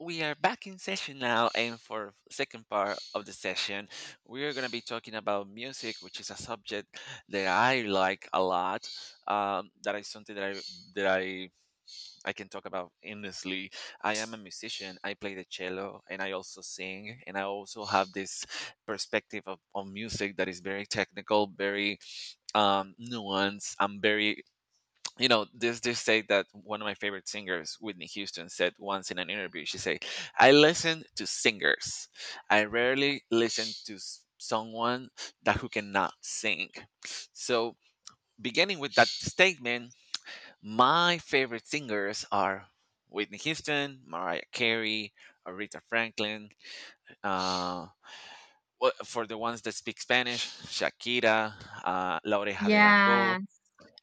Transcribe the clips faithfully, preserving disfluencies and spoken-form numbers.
We are back in session now, and for second part of the session, we are gonna be talking about music, which is a subject that I like a lot. Um, that is something that I that I I can talk about endlessly. I am a musician. I play the cello, and I also sing, and I also have this perspective of, of music that is very technical, very um, nuanced, and very you know this this say that one of my favorite singers Whitney Houston said once in an interview. She said, "I listen to singers. I rarely listen to s- someone that who cannot sing." So beginning with that statement, my favorite singers are Whitney Houston, Mariah Carey, Aretha Franklin, uh wha- for the ones that speak Spanish, Shakira, uh, La Oreja de Van Gogh. Yeah.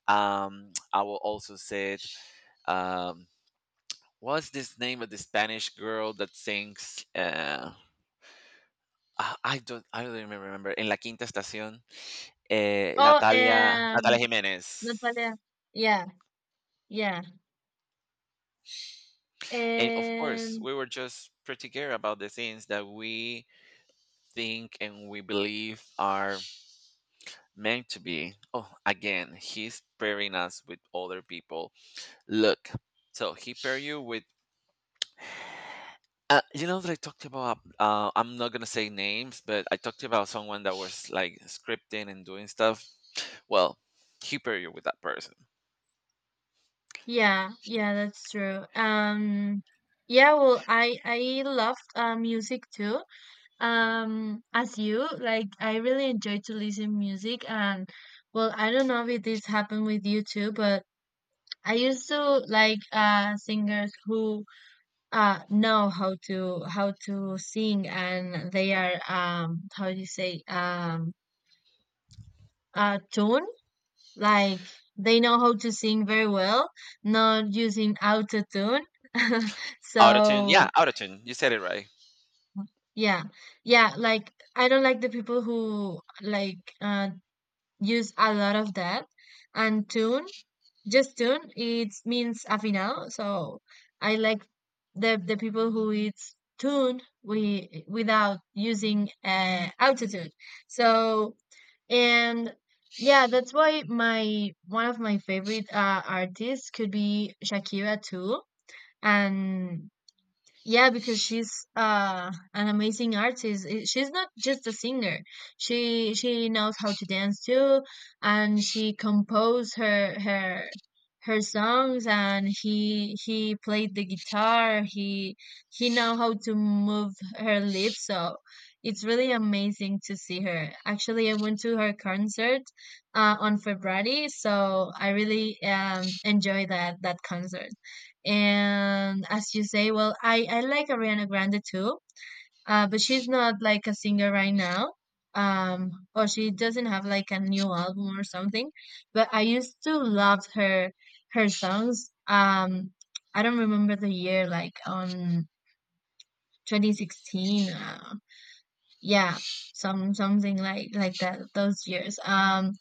Um, I will also say, um, what's this name of the Spanish girl that sings? Uh, I I don't, I don't even remember. In La Quinta Estación, uh, Oh, Natalia, Natalia um, Jimenez. Natalia. Yeah, yeah. And of course, And we were just particular about the things that we think and we believe are meant to be. Oh, again, he's pairing us with other people. Look, so he pair you with. Uh, you know that I talked about. Uh, I'm not gonna say names, but I talked about someone that was like scripting and doing stuff. Well, hyper you with that person. yeah, yeah, that's true. Um, yeah, well, I I loved uh, music too. Um, as you, like I really enjoy to listen music, and well, I don't know if this happened with you too, but I used to like uh singers who uh know how to how to sing, and they are, um how do you say, um uh, tune. Like they know how to sing very well, not using auto tune. Autotune, So, yeah, autotune. You said it right. yeah, yeah. Like I don't like the people who like, uh, use a lot of that and tune. Just tune. It means afinal. So I like the the people who it's tuned we without using, uh, autotune. So And, yeah, that's why my one of my favorite, uh, artists could be Shakira too. And yeah, because she's uh an amazing artist. I- She's not just a singer. She she knows how to dance too, and she composed her her her songs. And he he played the guitar. He he know how to move her lips. So it's really amazing to see her. Actually, I went to her concert uh, on February, so I really um enjoy that that concert. And as you say, well, I, I like Ariana Grande too, uh, but she's not like a singer right now. Um, or she doesn't have like a new album or something. But I used to love her her songs. Um, I don't remember the year, like on twenty sixteen. Uh, yeah, some something like like that. Those years. Um,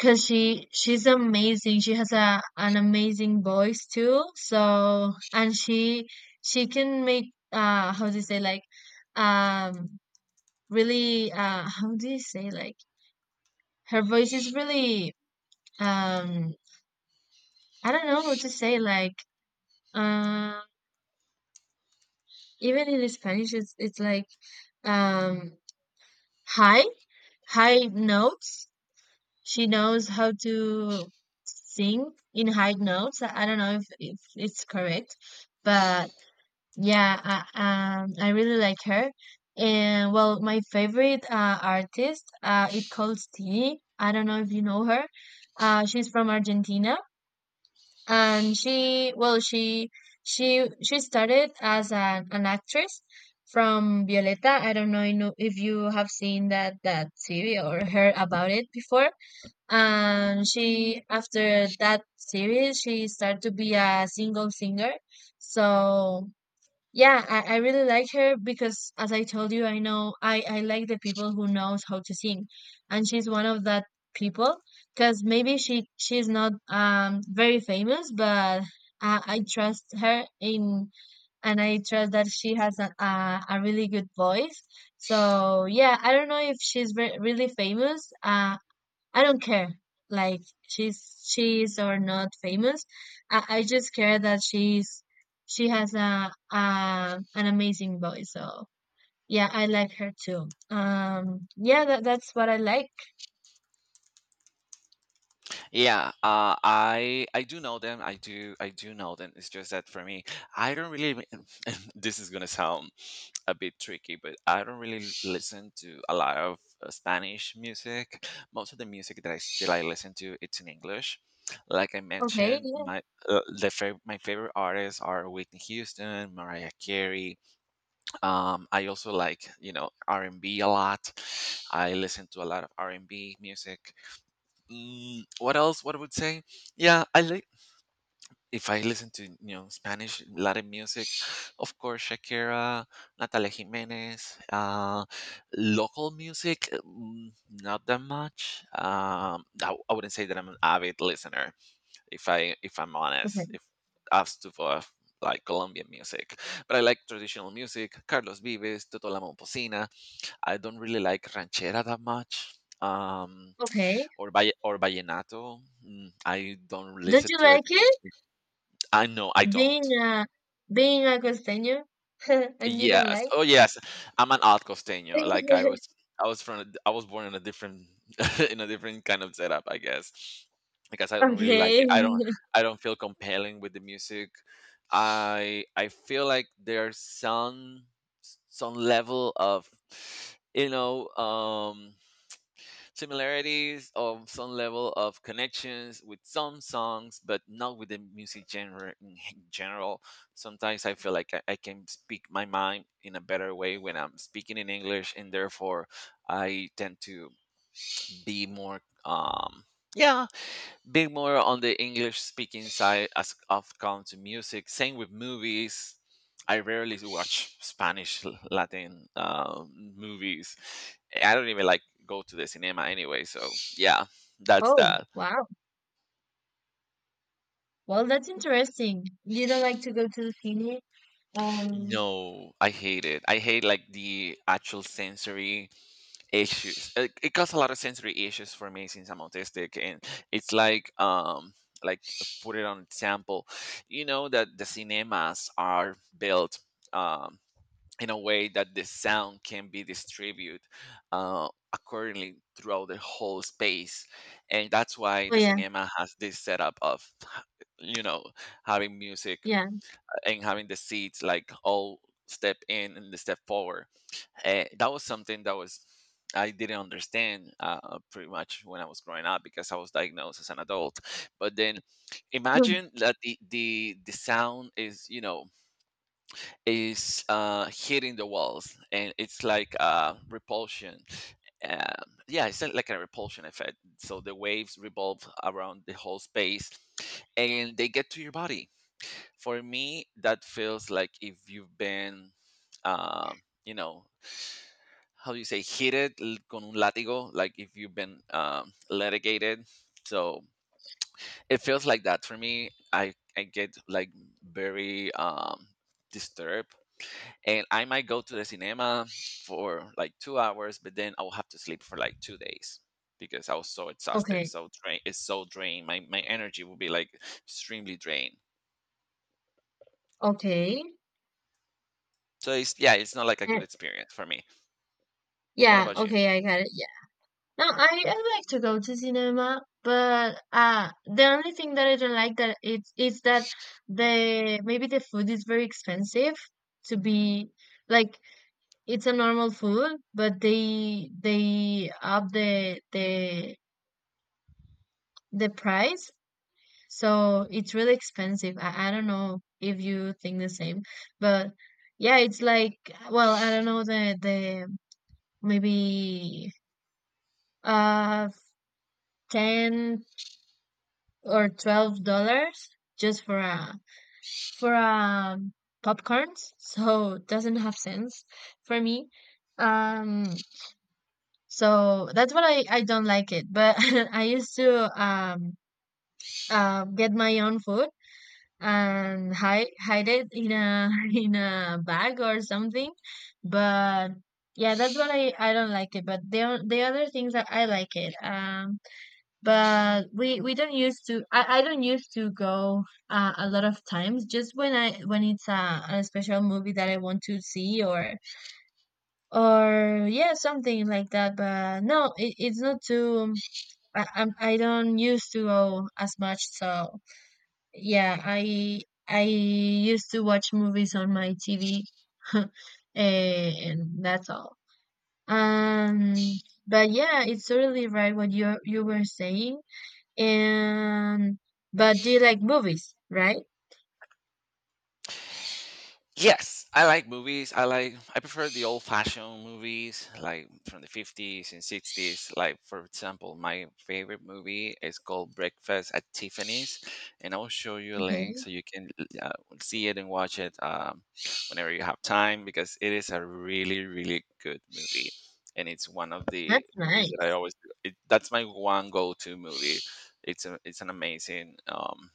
Cause she she's amazing. She has a an amazing voice too. So and she she can make, uh how do you say, like, um really, uh how do you say, like, her voice is really, um I don't know what to say, like, uh even in Spanish it's it's like, um high high notes. She knows how to sing in high notes. I I don't know if if it's correct, but. Yeah, I, um, I really like her. And well, my favorite, uh, artist, uh, it calls T. I don't know if you know her. Uh, she's from Argentina, and she, well, she, she, she started as an, an actress from Violeta. I don't know you know- if you have seen that that series or heard about it before. And she, after that series, she started to be a single singer. So yeah, I, I really like her because, as I told you, I know I, I like the people who knows how to sing. And she's one of that people because maybe she she's not um very famous, but I, I trust her in, and I trust that she has a, a, a really good voice. So yeah, I don't know if she's re really famous. Uh, I don't care, like she's she's or not famous. I, I just care that she's she has a, a an amazing voice. So yeah, I like her too. Um, yeah, that, that's what I like. Yeah, uh, I I do know them. I do I do know them. It's just that for me, I don't really. Li- this is gonna sound a bit tricky, but I don't really listen to a lot of uh, Spanish music. Most of the music that I still I listen to, it's in English. Like I Okay, mentioned, yeah, my uh, the fav- my favorite artists are Whitney Houston, Mariah Carey. Um, I also like, you know, R and B a lot. I listen to a lot of R and B music. Mm, what else? What I would say? Yeah, I like, if I listen to, you know, Spanish Latin music, of course, Shakira, Natalia Jimenez, uh, local music, mm, not that much. Um, I, I wouldn't say that I'm an avid listener, if i if I'm okay, honest, if asked to for like Colombian music. But I like traditional music, Carlos Vives, toto la Momposina. I don't really like ranchera that much, um okay. or by or vallenato. Mm, I don't Don't listen you to it. like it, I know I being don't. a being a costeño and you don't Yes. like? Oh, yes. I'm an alt costeño. Like I was, I was from, a d- I was born in a different, in a different kind of setup, I guess. Because I don't really like Okay. it. I don't, I don't feel compelling with the music. I, I feel like there's some, some level of, you know, um, similarities, of some level of connections with some songs, but not with the music genre in general. Sometimes I feel like I, I can speak my mind in a better way when I'm speaking in English, and therefore I tend to be more, um, yeah, big more on the English speaking side as of comes to music. Same with movies. I rarely watch Spanish L- Latin um, movies. I don't even like go to the cinema anyway. So yeah, that's Oh, that. wow. Well, that's interesting. You don't like to go to the cine? Um. No, I hate it. I hate like the actual sensory issues. It, it caused a lot of sensory issues for me since I'm autistic, and it's like um like put it on example. You know that the cinemas are built, Um, in a way that the sound can be distributed uh, accordingly throughout the whole space. And that's why Oh the yeah, cinema has this setup of, you know, having music yeah. and having the seats like all step in and the step forward. And that was something that was, I didn't understand uh, pretty much when I was growing up because I was diagnosed as an adult. But then imagine that the the, the sound is, you know, is uh, hitting the walls, and it's like uh, repulsion. Um, yeah, it's like a repulsion effect. So the waves revolve around the whole space, and they get to your body. For me, that feels like if you've been, um, you know, how do you say, hit it con un látigo, like if you've been um, litigated. So it feels like that for me. I, I get like very um, disturbed, and I might go to the cinema for like two hours, but then I'll have to sleep for like two days because I was so exhausted, Okay, so drained. It's so drained. My my energy will be like extremely drained. okay. So it's, yeah, it's not like a Uh, good experience for me. What yeah, about you? okay, I got it. Yeah. No, I, I like to go to cinema, but uh the only thing that I don't like that it's is that, the maybe the food is very expensive to be, like, it's a normal food, but they they up the the the price, so it's really expensive. I, I don't know if you think the same, but yeah, it's like, well, I don't know the the maybe, uh ten or twelve dollars just for a for a popcorns, so it doesn't have sense for me, um so that's what I I don't like it, but I used to, um uh get my own food, and hide hide it in a in a bag or something. But yeah, that's what I I don't like it, but the o- the other things that I like it, um but we we don't used to I, I don't used to go, uh, a lot of times, just when I when it's a, a special movie that I want to see, or or yeah, something like that, but no, it, it's not too, I, I'm I don't used to go as much. So yeah, I I used to watch movies on my T V and that's all. um but yeah, it's totally right what you you were saying, and but do you like movies, right? Yes, I like movies. I like I prefer the old-fashioned movies, like from the fifties and sixties. Like for example, my favorite movie is called Breakfast at Tiffany's, and I will show you a link Okay, so you can uh, see it and watch it um, whenever you have time, because it is a really, really good movie, and it's one of the that's movies that I nice. always. It, that's my one go-to movie. It's a, it's an amazing um,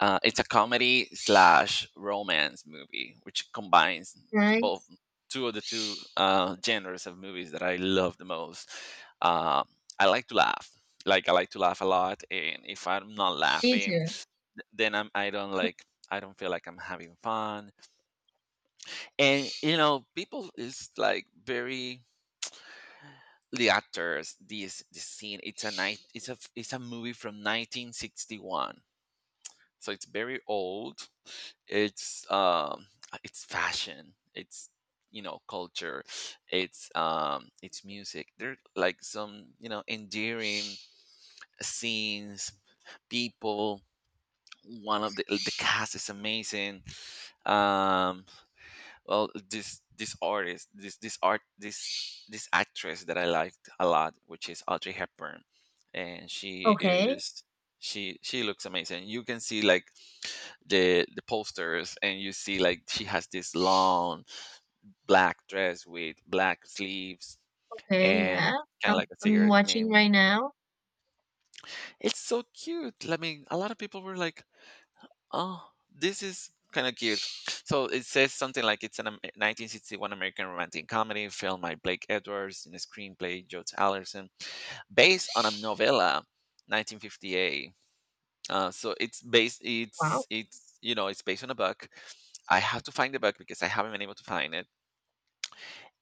uh, it's a comedy slash romance movie, which combines both Nice. two of the two uh, genres of movies that I love the most. Um, I like to laugh. Like I like to laugh a lot, and if I'm not Me laughing, too. th- then I'm I don't like, I don't feel like I'm having fun. And you know, people is like very, the actors. This this scene. It's a night. It's a it's a movie from nineteen sixty-one. So it's very old. It's um it's fashion, it's, you know, culture, it's um it's music, there like some, you know, endearing scenes, people. One of the the cast is amazing. um well, this this artist this this art this this actress that I liked a lot, which is Audrey Hepburn. And she Okay. is, she she looks amazing. You can see like the the posters and you see like she has this long black dress with black sleeves, Okay, and yeah. kind of I'm, like a I'm cigarette man. watching right now. It's so cute. I mean, a lot of people were like, "Oh, this is kind of cute." So it says something like it's an Am- nineteen sixty-one American romantic comedy film by Blake Edwards and a screenplay Joe Allerson based on a novella nineteen fifty-eight. Uh, so it's based. Wow. It's it's, you know, it's based on a book. I have to find the book because I haven't been able to find it.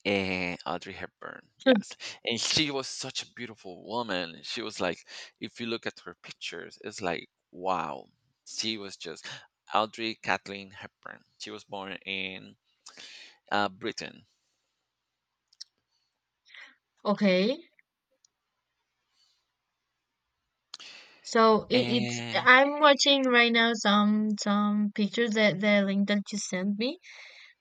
And Audrey Hepburn, yes, and she was such a beautiful woman. She was like, if you look at her pictures, it's like wow. She was just Audrey Kathleen Hepburn. She was born in uh, Britain. Okay. So it, it's And I'm watching right now, some some pictures that the link that you sent me,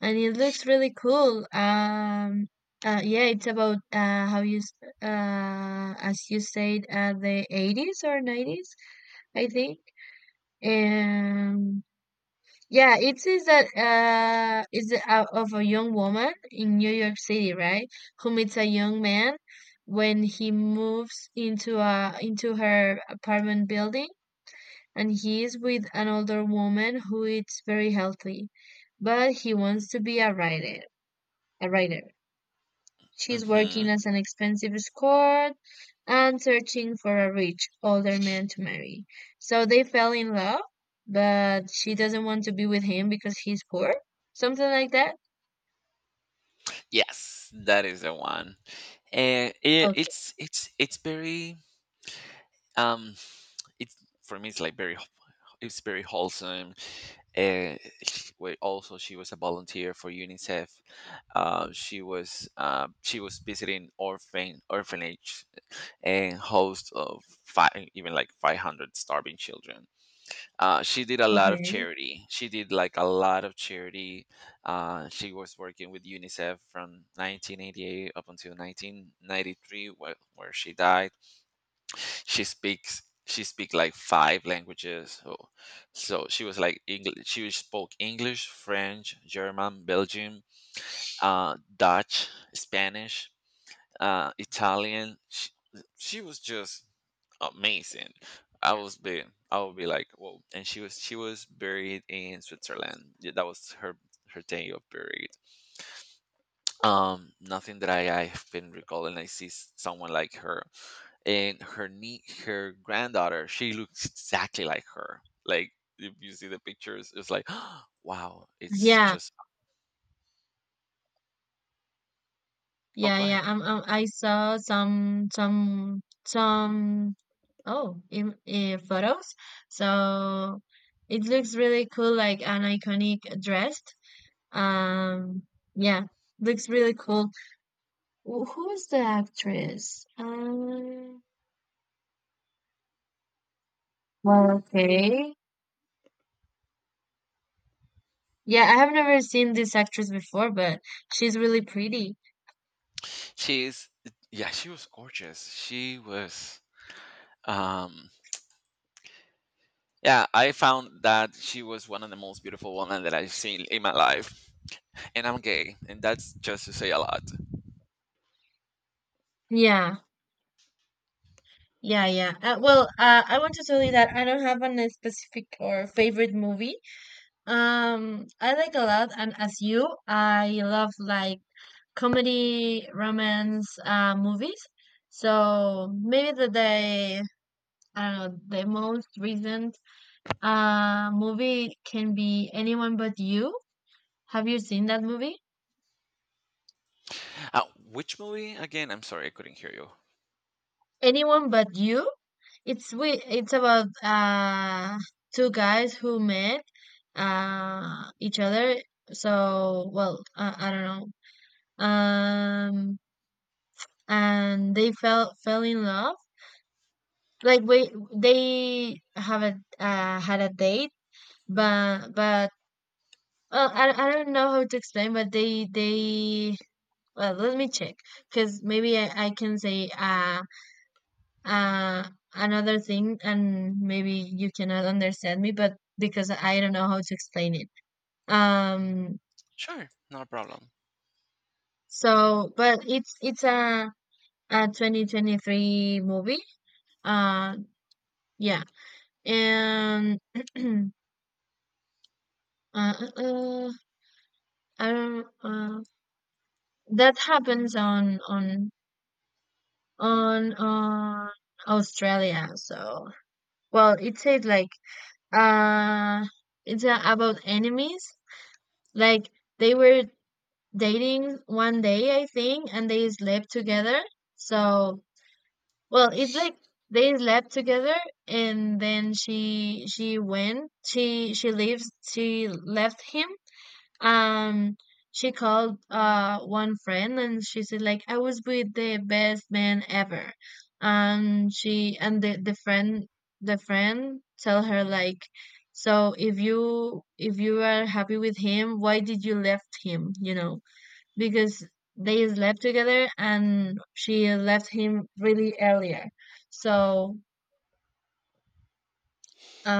and it looks really cool. Um, uh, yeah, it's about, uh how, you s- uh as you said, uh the eighties or nineties, I think. And yeah, it says that, uh, is, uh, of a young woman in New York City, right? Who meets a young man when he moves into a into her apartment building, and he is with an older woman who eats very healthy, but he wants to be a writer. A writer. She's mhm, working as an expensive escort and searching for a rich, older man to marry. So they fell in love, but she doesn't want to be with him because he's poor. Something like that. yes, that is the one. And it, Okay. it's it's it's very, um, it's, for me, it's like very, it's very wholesome. And she- wait, also she was a volunteer for UNICEF. Uh, she was uh, she was visiting orphan orphanage and host of five, even like five hundred starving children. Uh, she did a lot of Okay. charity. She did like a lot of charity. Uh, she was working with UNICEF from nineteen eighty-eight up until nineteen ninety-three, where, where she died. She speaks she speak like five languages. So, so she was like English. She spoke English, French, German, Belgian, uh Dutch, Spanish, uh Italian. She, she was just amazing. i was be I would be like whoa. And she was she was buried in Switzerland. Yeah, that was her, her day of burial. Um nothing that I I've been recalling. I see s- someone like her, and her knee her granddaughter, she looks exactly like her. Like, if you see the pictures, it's like wow, it's Yeah. just. Oh, Yeah. go Yeah. ahead. Um, um, I saw some some some oh in, in photos. So it looks really cool, like an iconic dress. Um. Yeah. Looks really cool. Wh who's the actress? Um, well, okay. Yeah, I have never seen this actress before, but she's really pretty. She's, yeah, she was gorgeous. She was, um yeah, I found that she was one of the most beautiful women that I've seen in my life. And I'm gay, and that's just to say a lot. Yeah, yeah, yeah. Uh, well, uh, I want to tell you that I don't have an, a specific or favorite movie. Um, I like a lot, and as you, I love, like, comedy, romance, uh, movies. So maybe the the I don't know, the most recent uh movie can be Anyone But You. Have you seen that movie? uh, which movie again? I'm sorry I couldn't hear you. Anyone but you? It's we. It's about uh two guys who met uh each other. So well, uh, I don't know. Um, and they fell fell in love. Like we, they haven't, uh, had a date, but but well, I I don't know how to explain. But they they well, let me check because maybe I, I can say, uh uh another thing and maybe you cannot understand me, but because I don't know how to explain it, um Sure, not a problem. so but it's it's a a twenty twenty-three movie, uh yeah, and uh, uh, I don't uh, that happens on on on on Australia. So well, it says like, uh it's, uh, about enemies, like they were dating one day, I think, and they slept together. So, well, it's like they slept together, and then she she went. She she leaves she left him. Um she called uh one friend, and she said, like, I was with the best man ever. Um, she and the, the friend the friend tell her, like, so if you if you are happy with him, why did you left him, you know? Because they slept together and she left him really earlier. So,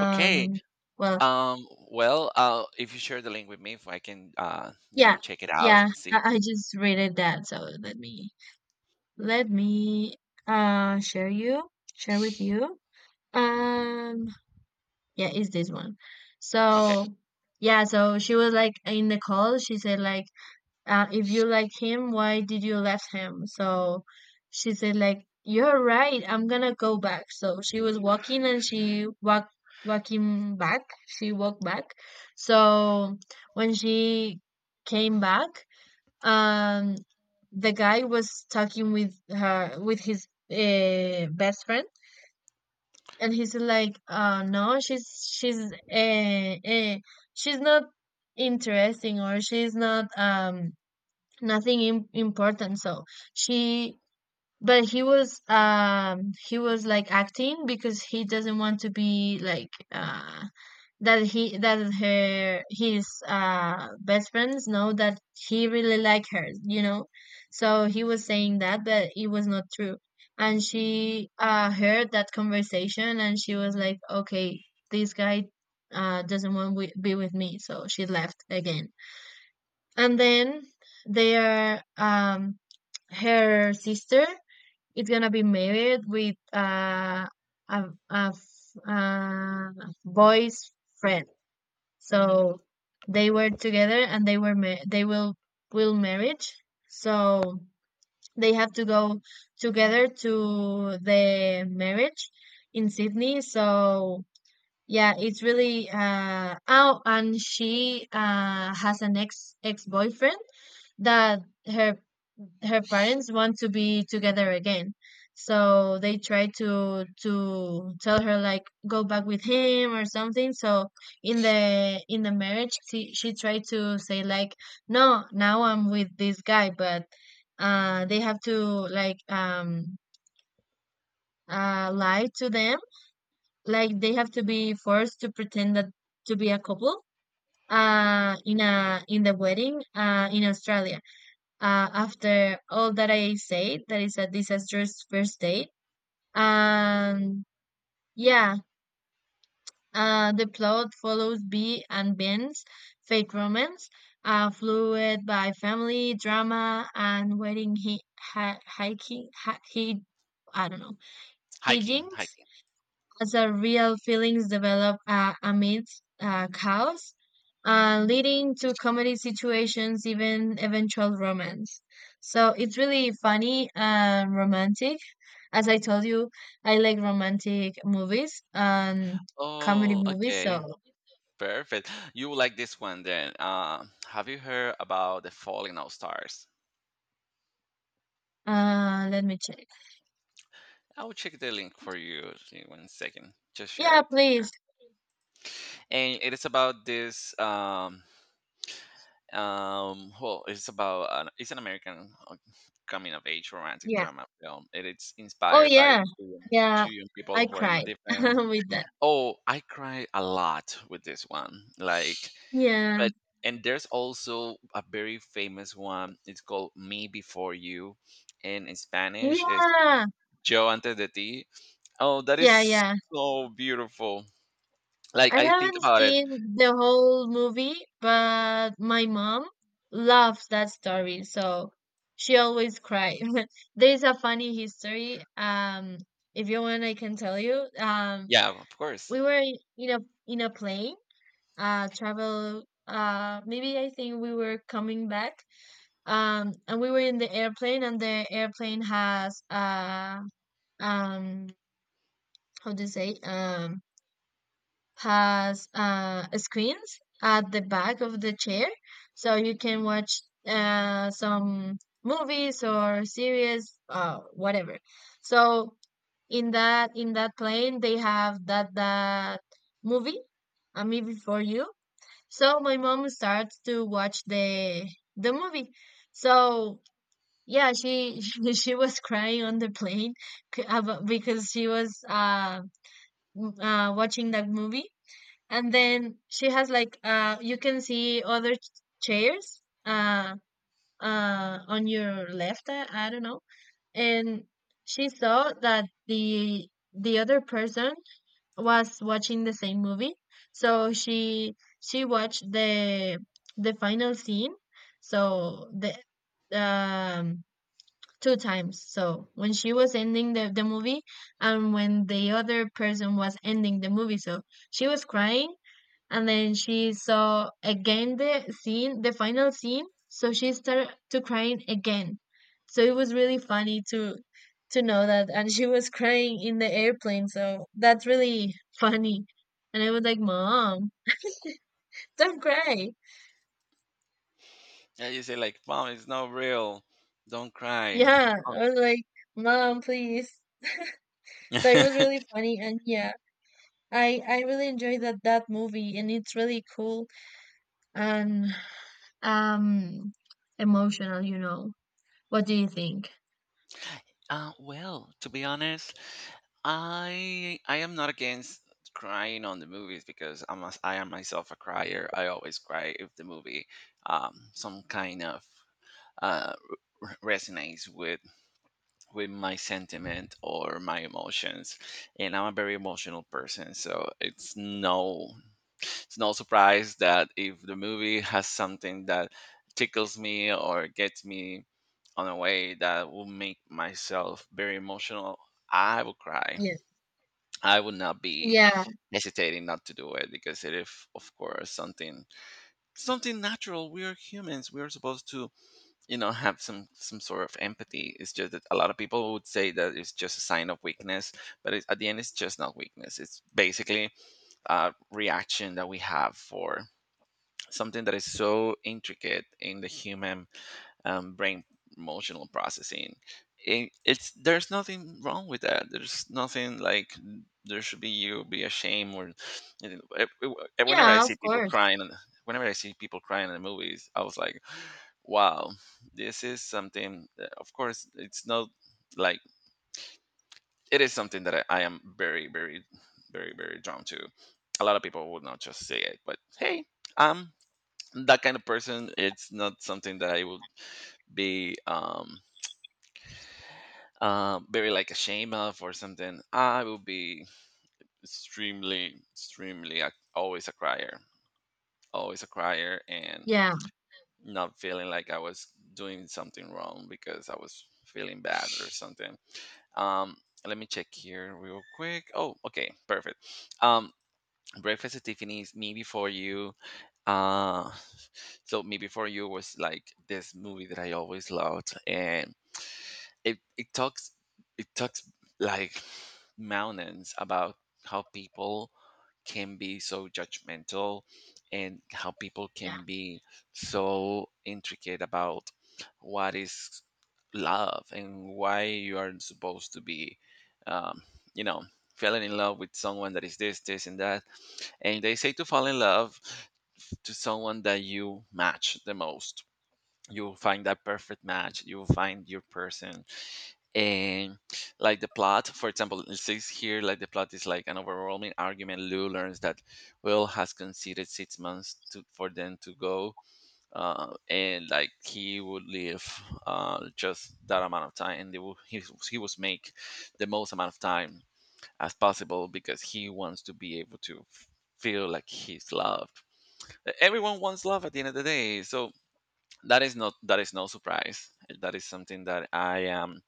Okay. well, Um, well, uh, if you share the link with me, if I can, uh, you yeah, know, check it out yeah, and I, see. I just read it that. So let me let me uh share you share with you. Um, yeah, it's this one? Okay. So yeah, so she was like in the call. She said like, uh, if you like him, why did you left him? So she said, like, you're right. I'm gonna go back. So she was walking and she walked walking back. She walked back. So when she came back, um, the guy was talking with her with his, uh, best friend. And he's like, uh, no, she's she's uh, uh, she's not interesting, or she's not um nothing im important, so she but he was um he was like acting because he doesn't want to be like, uh that he that her his uh best friends know that he really like her, you know. So he was saying that, but it was not true, and she uh heard that conversation, and she was like, okay, this guy uh doesn't want to be with me, so she left again. And then they are, um her sister is gonna be married with, uh, a a f- uh, boy's friend. So they were together, and they were ma- they will will marriage. So they have to go together to the marriage in Sydney. So yeah, it's really, uh oh, and she uh has an ex ex boyfriend that her her parents want to be together again. So they try to to tell her, like, go back with him or something. So in the in the marriage she, she tried to say like no, now I'm with this guy, but uh they have to like um uh lie to them. Like they have to be forced to pretend that to be a couple uh in a in the wedding uh in Australia. Uh, after all that I said, that is a disastrous first date. And yeah, uh, the plot follows B and Ben's fake romance, uh, fluid by family drama and wedding he hi hiking hi, he I don't know Hiking, hijinks hiking. as real feelings develop, uh, amidst uh, chaos, uh, leading to comedy situations, even eventual romance. So it's really funny and romantic. As I told you, I like romantic movies and comedy Oh, movies. okay. So Perfect. You will like this one then. Uh, have you heard about the falling out stars? uh, let me check. I will check the link for you in one second. Just share Yeah, it here. please. And it is about this. Um, um, well, it's about an, it's an American uh, coming of age romantic Yeah. drama film. It is Oh, inspired by yeah. two young Yeah. two young people I who are not cried different. with that. Oh, I cry a lot with this one. Like, Yeah. but and there's also a very famous one. It's called "Me Before You," and in Spanish is Yeah. "Yo antes de ti." Oh, that Yeah. is Yeah. so beautiful. Like, I I think haven't about it. seen the whole movie, but my mom loves that story, so she always cries. There's a funny history. Um, if you want, I can tell you. Um, Yeah, of course. We were in in a in a plane, uh, travel. Uh, maybe I think we were coming back. Um, and we were in the airplane, and the airplane has uh um how to say, um has, uh, screens at the back of the chair, so you can watch, uh, some movies or series, uh, whatever. So in that in that plane, they have that that movie, a movie for you. So my mom starts to watch the the movie. So yeah, she she was crying on the plane c- abo- because she was uh, m- uh watching that movie, and then she has like, uh you can see other ch- chairs uh uh on your left. I, I don't know, and she saw that the the other person was watching the same movie, so she she watched the the final scene. So the, um two times, so when she was ending the, the movie and when the other person was ending the movie. So she was crying, and then she saw again the scene, the final scene. So she started to crying again. So it was really funny to to know that, and she was crying in the airplane. So that's really funny. And I was like, "Mom, don't cry." Yeah, you say like, "Mom, it's not real. Don't cry." Yeah, Oh. I was like, "Mom, please." So it was really funny, and yeah, I I really enjoyed that that movie, and it's really cool and, um emotional. You know, what do you think? Uh, well, to be honest, I I am not against crying on the movies because I'm a, I am myself a crier. I always cry if the movie um, some kind of uh, r- resonates with with my sentiment or my emotions, and I'm a very emotional person, so it's no it's no surprise that if the movie has something that tickles me or gets me on a way that will make myself very emotional, I will cry. Yeah. I would not be Yeah, hesitating not to do it because it is, of course, something, something natural. We are humans, we are supposed to, you know, have some some sort of empathy. It's just that a lot of people would say that it's just a sign of weakness, but it's, at the end it's just not weakness, it's basically a reaction that we have for something that is so intricate in the human um, brain, emotional processing. It, it's there's nothing wrong with that, there's nothing like there should be you be ashamed or, you know, e- e- whenever I yeah, of see people course. crying and whenever I see people crying in the movies, I was like, Wow, this is something that, of course, it's not like, it is something that I, I am very, very, very, very drawn to. A lot of people would not just say it, but hey, I'm that kind of person. It's not something that I would be um, uh, very like ashamed of or something. I will be extremely, extremely, ac- always a crier, always a crier, and Yeah, not feeling like I was doing something wrong because I was feeling bad or something. Um, let me check here real quick. Oh, okay, perfect. Um, Breakfast at Tiffany's. Me Before You. Uh, so Me Before You was like this movie that I always loved, and it it talks it talks like mountains about how people can be so judgmental, and how people yeah, can be so intricate about what is love, and why you aren't supposed to be, um, you know, falling in love with someone that is this, this and that. And they say to fall in love to someone that you match the most, you will find that perfect match, you will find your person. And like, the plot for example, it says here, like the plot is like an overwhelming argument. Lou learns that Will has conceded six months to, for them to go, uh, and like he would live uh, just that amount of time, and they will, he, he was make the most amount of time as possible because he wants to be able to f- feel like he's loved. Everyone wants love at the end of the day, so that is not that is no surprise, that is something that I am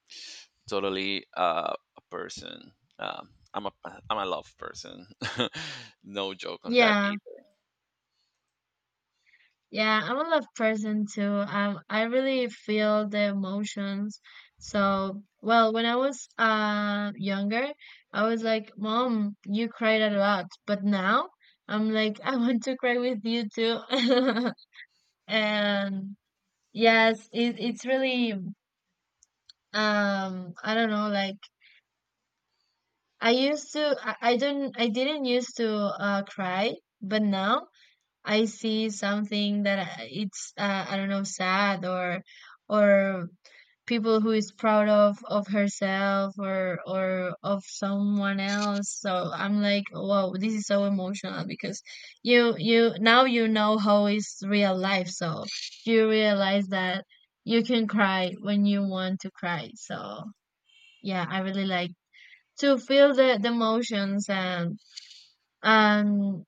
totally, uh, a person. Um, I'm a, I'm a love person. No joke on that yeah, either. yeah. I'm a love person too. Um, I really feel the emotions. So, well, when I was uh younger, I was like, "Mom, you cried a lot," but now I'm like, "I want to cry with you too." And yes, it, it's really, um, I don't know, like I used to, I, I don't, I didn't used to uh cry, but now. I see something that I- it's, uh, I don't know, sad or or people who is proud of of herself or or of someone else. So I'm like wow, this is so emotional because you you now you know how is real life, so you realize that you can cry when you want to cry. So yeah, I really like to feel the, the emotions and. And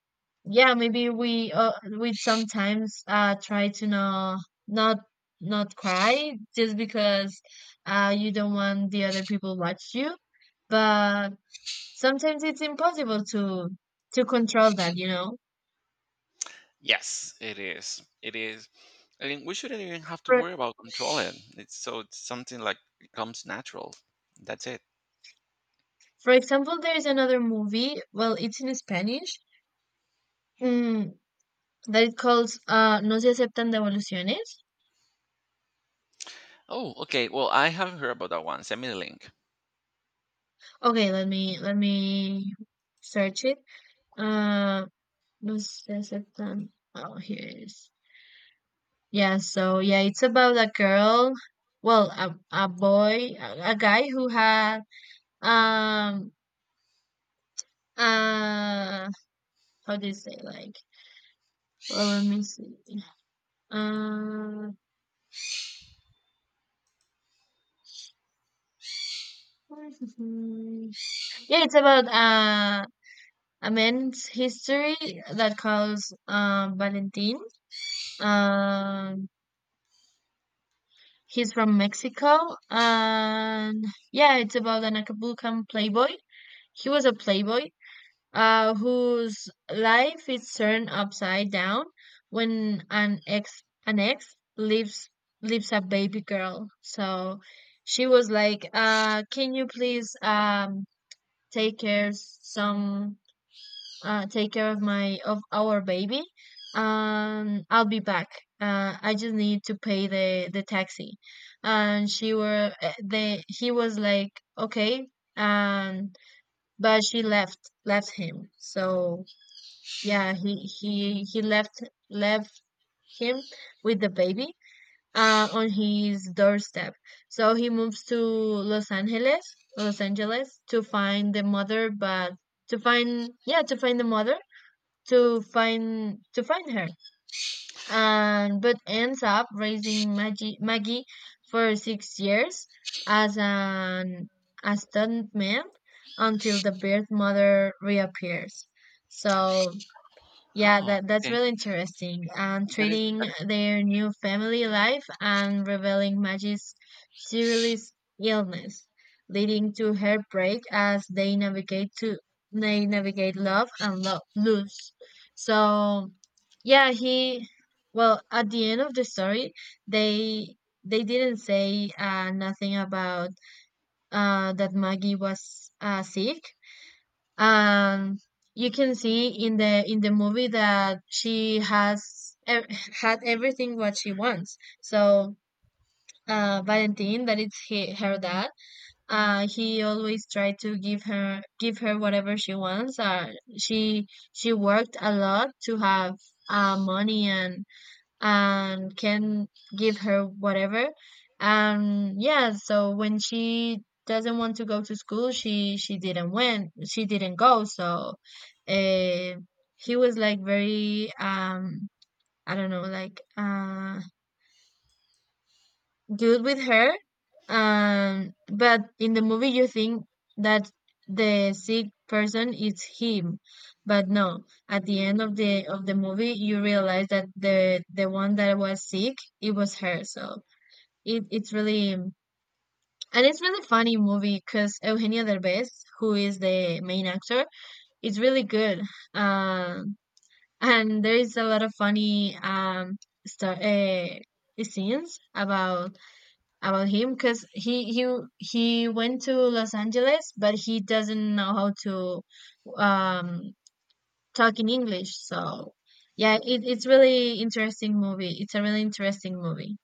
yeah, maybe we, uh, we sometimes uh try to not not not cry just because uh you don't want the other people watch you, but sometimes it's impossible to to control that, you know. Yes, it is. It is. I mean, we shouldn't even have to for worry about controlling. It's so, it's something like it comes natural. That's it. for example, there is another movie, well, it's in Spanish, mm, that it calls, uh No Se Aceptan Devoluciones. Oh, okay. Well, I haven't heard about that one. Send me the link. Okay, let me let me search it. Um. Was this it then? Oh, here it is. Yeah, so yeah, it's about a girl, well, a, a boy, a, a guy who had um uh how do you say like? Well, let me see. Uh, yeah, it's about uh a man's history that calls, uh, Valentin. Um, he's from Mexico, and yeah, it's about an Acapulcan playboy. He was a playboy, uh, whose life is turned upside down when an ex an ex leaves leaves a baby girl. So she was like, uh, "Can you please, um, take care some uh, take care of my of our baby? Um, I'll be back. Uh, I just need to pay the the taxi." And she were eh, they he was like, "Okay." Um, but she left left him. So yeah, he he he left left him with the baby, uh, on his doorstep. So he moves to Los Angeles, Los Angeles to find the mother, but to find yeah to find the mother, to find to find her, and but ends up raising Maggie, Maggie for six years as an a stuntman until the birth mother reappears. So yeah, Oh, that that's okay. really interesting. And That is, treating that is. their new family life and revealing Maggie's serious illness, leading to heartbreak as they navigate to they navigate love and love lose. So, yeah, he, well, at the end of the story, they they didn't say, uh, nothing about, uh, that Maggie was, uh, sick. um you can see in the in the movie that she has ev- had everything what she wants. So uh Valentin, that it's he, her dad, uh he always tried to give her give her whatever she wants. uh she she worked a lot to have uh money and and can give her whatever. And yeah, so when she doesn't want to go to school, she she didn't went, she didn't go. So uh he was like very, um I don't know like uh good with her. Um, but in the movie, you think that the sick person is him, but no. At the end of the of the movie, you realize that the the one that was sick, it was her. So it it's really, and it's really funny movie because Eugenio Derbez, who is the main actor, is really good. Um, and there is a lot of funny, um star uh, scenes about about him because he he he went to Los Angeles, but he doesn't know how to, um, talk in English. So yeah, it, it's really interesting movie. It's a really interesting movie.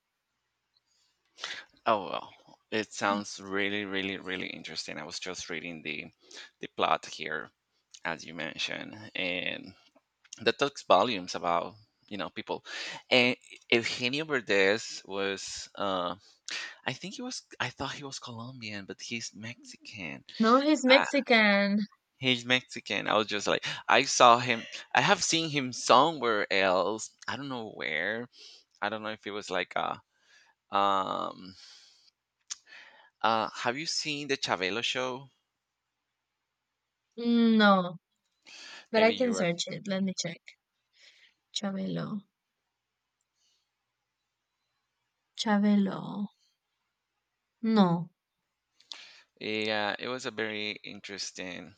Oh well, it sounds really, really, really interesting. I was just reading the the plot here, as you mentioned, and that talks volumes about, you know, people. And Eugenio Verdes was, uh i think he was I thought he was Colombian, but he's Mexican. No, he's uh, Mexican. he's Mexican. I was just like, I saw him, I have seen him somewhere else, I don't know where. I don't know if it was like a um uh have you seen the Chavelo show? Mm, No, but I Maybe can you were. search it. Let me check. Chabelo. Chabelo. No. Yeah, it was a very interesting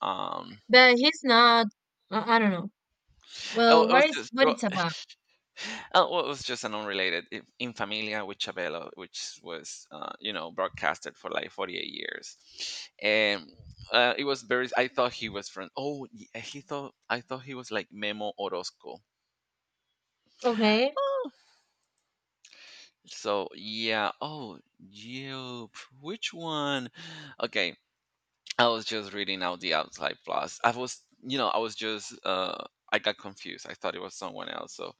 um But he's not. I, I don't know. oh Well, it was what is just, what it's about? oh, well, it was just an unrelated i- In Familia with Chabelo, which was, uh, you know, broadcasted for like forty-eight years, and uh, it was very. I thought he was from. Oh, y- eh, he thought, I thought he was like Memo Orozco. Okay. Oh, so yeah. Oh, you. Which one? Okay, I was just reading out the outside plus. I was, you know, I was just. Uh, I got confused, I thought it was someone else. So,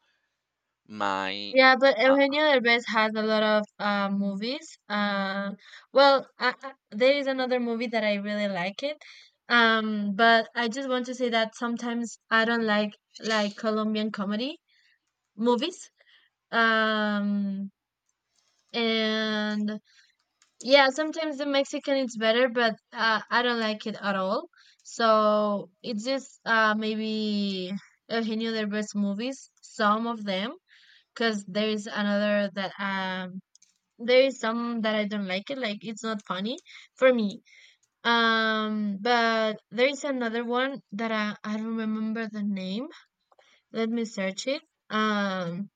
my. Yeah, but Uh, Eugenio Derbez has a lot of, uh, movies. Uh, well, I, I, there is another movie that I really like it. Um, but I just want to say that sometimes I don't like like Colombian comedy movies. Um, and Yeah, sometimes the Mexican is better, but uh, I don't like it at all. So it's just, uh, maybe Eugenio Derbez movies, some of them, because there is another that um there is some that I don't like it, like it's not funny for me. Um, but there is another one that I I don't remember the name. Let me search it. Um,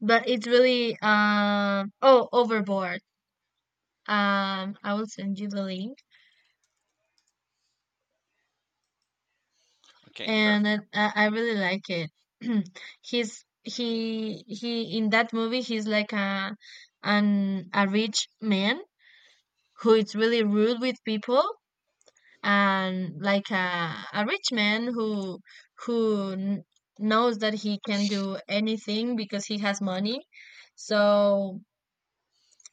but it's really, um oh, Overboard. Um, I will send you the link okay, and perfect. I, I I really like it. He's, he he in that movie he's like a an a rich man who is really rude with people and like a a rich man who who kn- knows that he can do anything because he has money. So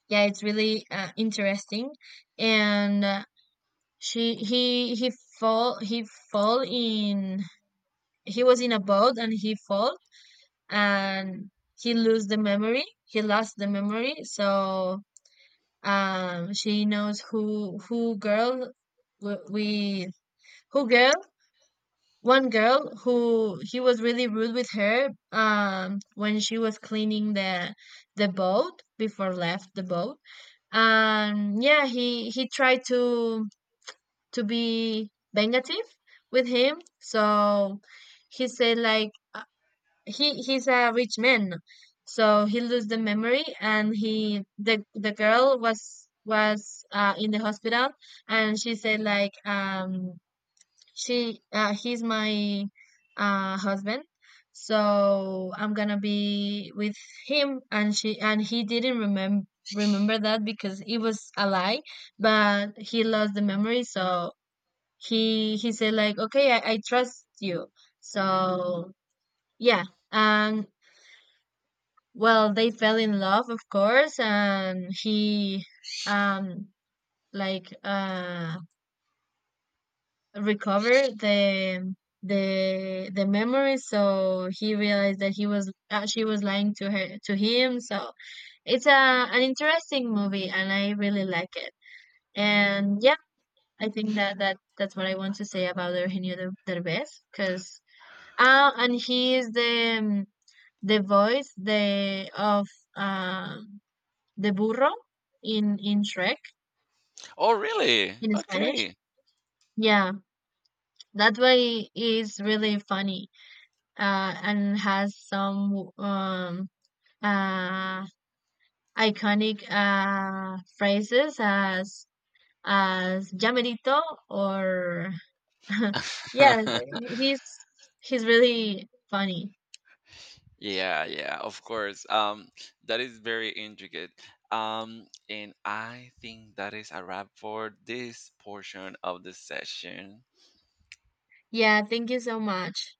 yeah, it's really, uh, interesting. And. Uh, she he he fall he fall in, he was in a boat and he fall, and he lose the memory he lost the memory. So um she knows who who girl w- we who girl one girl who he was really rude with her, um when she was cleaning the the boat before left the boat. And yeah, he he tried to to be negative with him. So he said like he he's a rich man. So he lose the memory, and he the the girl was, was uh, in the hospital. And she said like, um she uh, he's my, uh husband, so I'm gonna be with him. And she and he didn't remember remember that because it was a lie, but he lost the memory. So he he said like, okay, i, I trust you. So yeah. And, well, they fell in love, of course, and he, um like uh recovered the the the memory. So he realized that he was uh, she was lying to her to him. So it's a an interesting movie and I really like it. And yeah, I think that that that's what I want to say about Eugenio Der- Derbez because uh and he is the, um, the voice the of, um the burro in in Shrek Oh, really? in Spanish. Okay. Yeah, that way is really funny. Uh, and has some, um uh iconic, uh phrases as as llamerito or yeah, he's he's really funny. Yeah, yeah, of course. Um, that is very intricate. Um, and I think that is a wrap for this portion of the session. Yeah, thank you so much.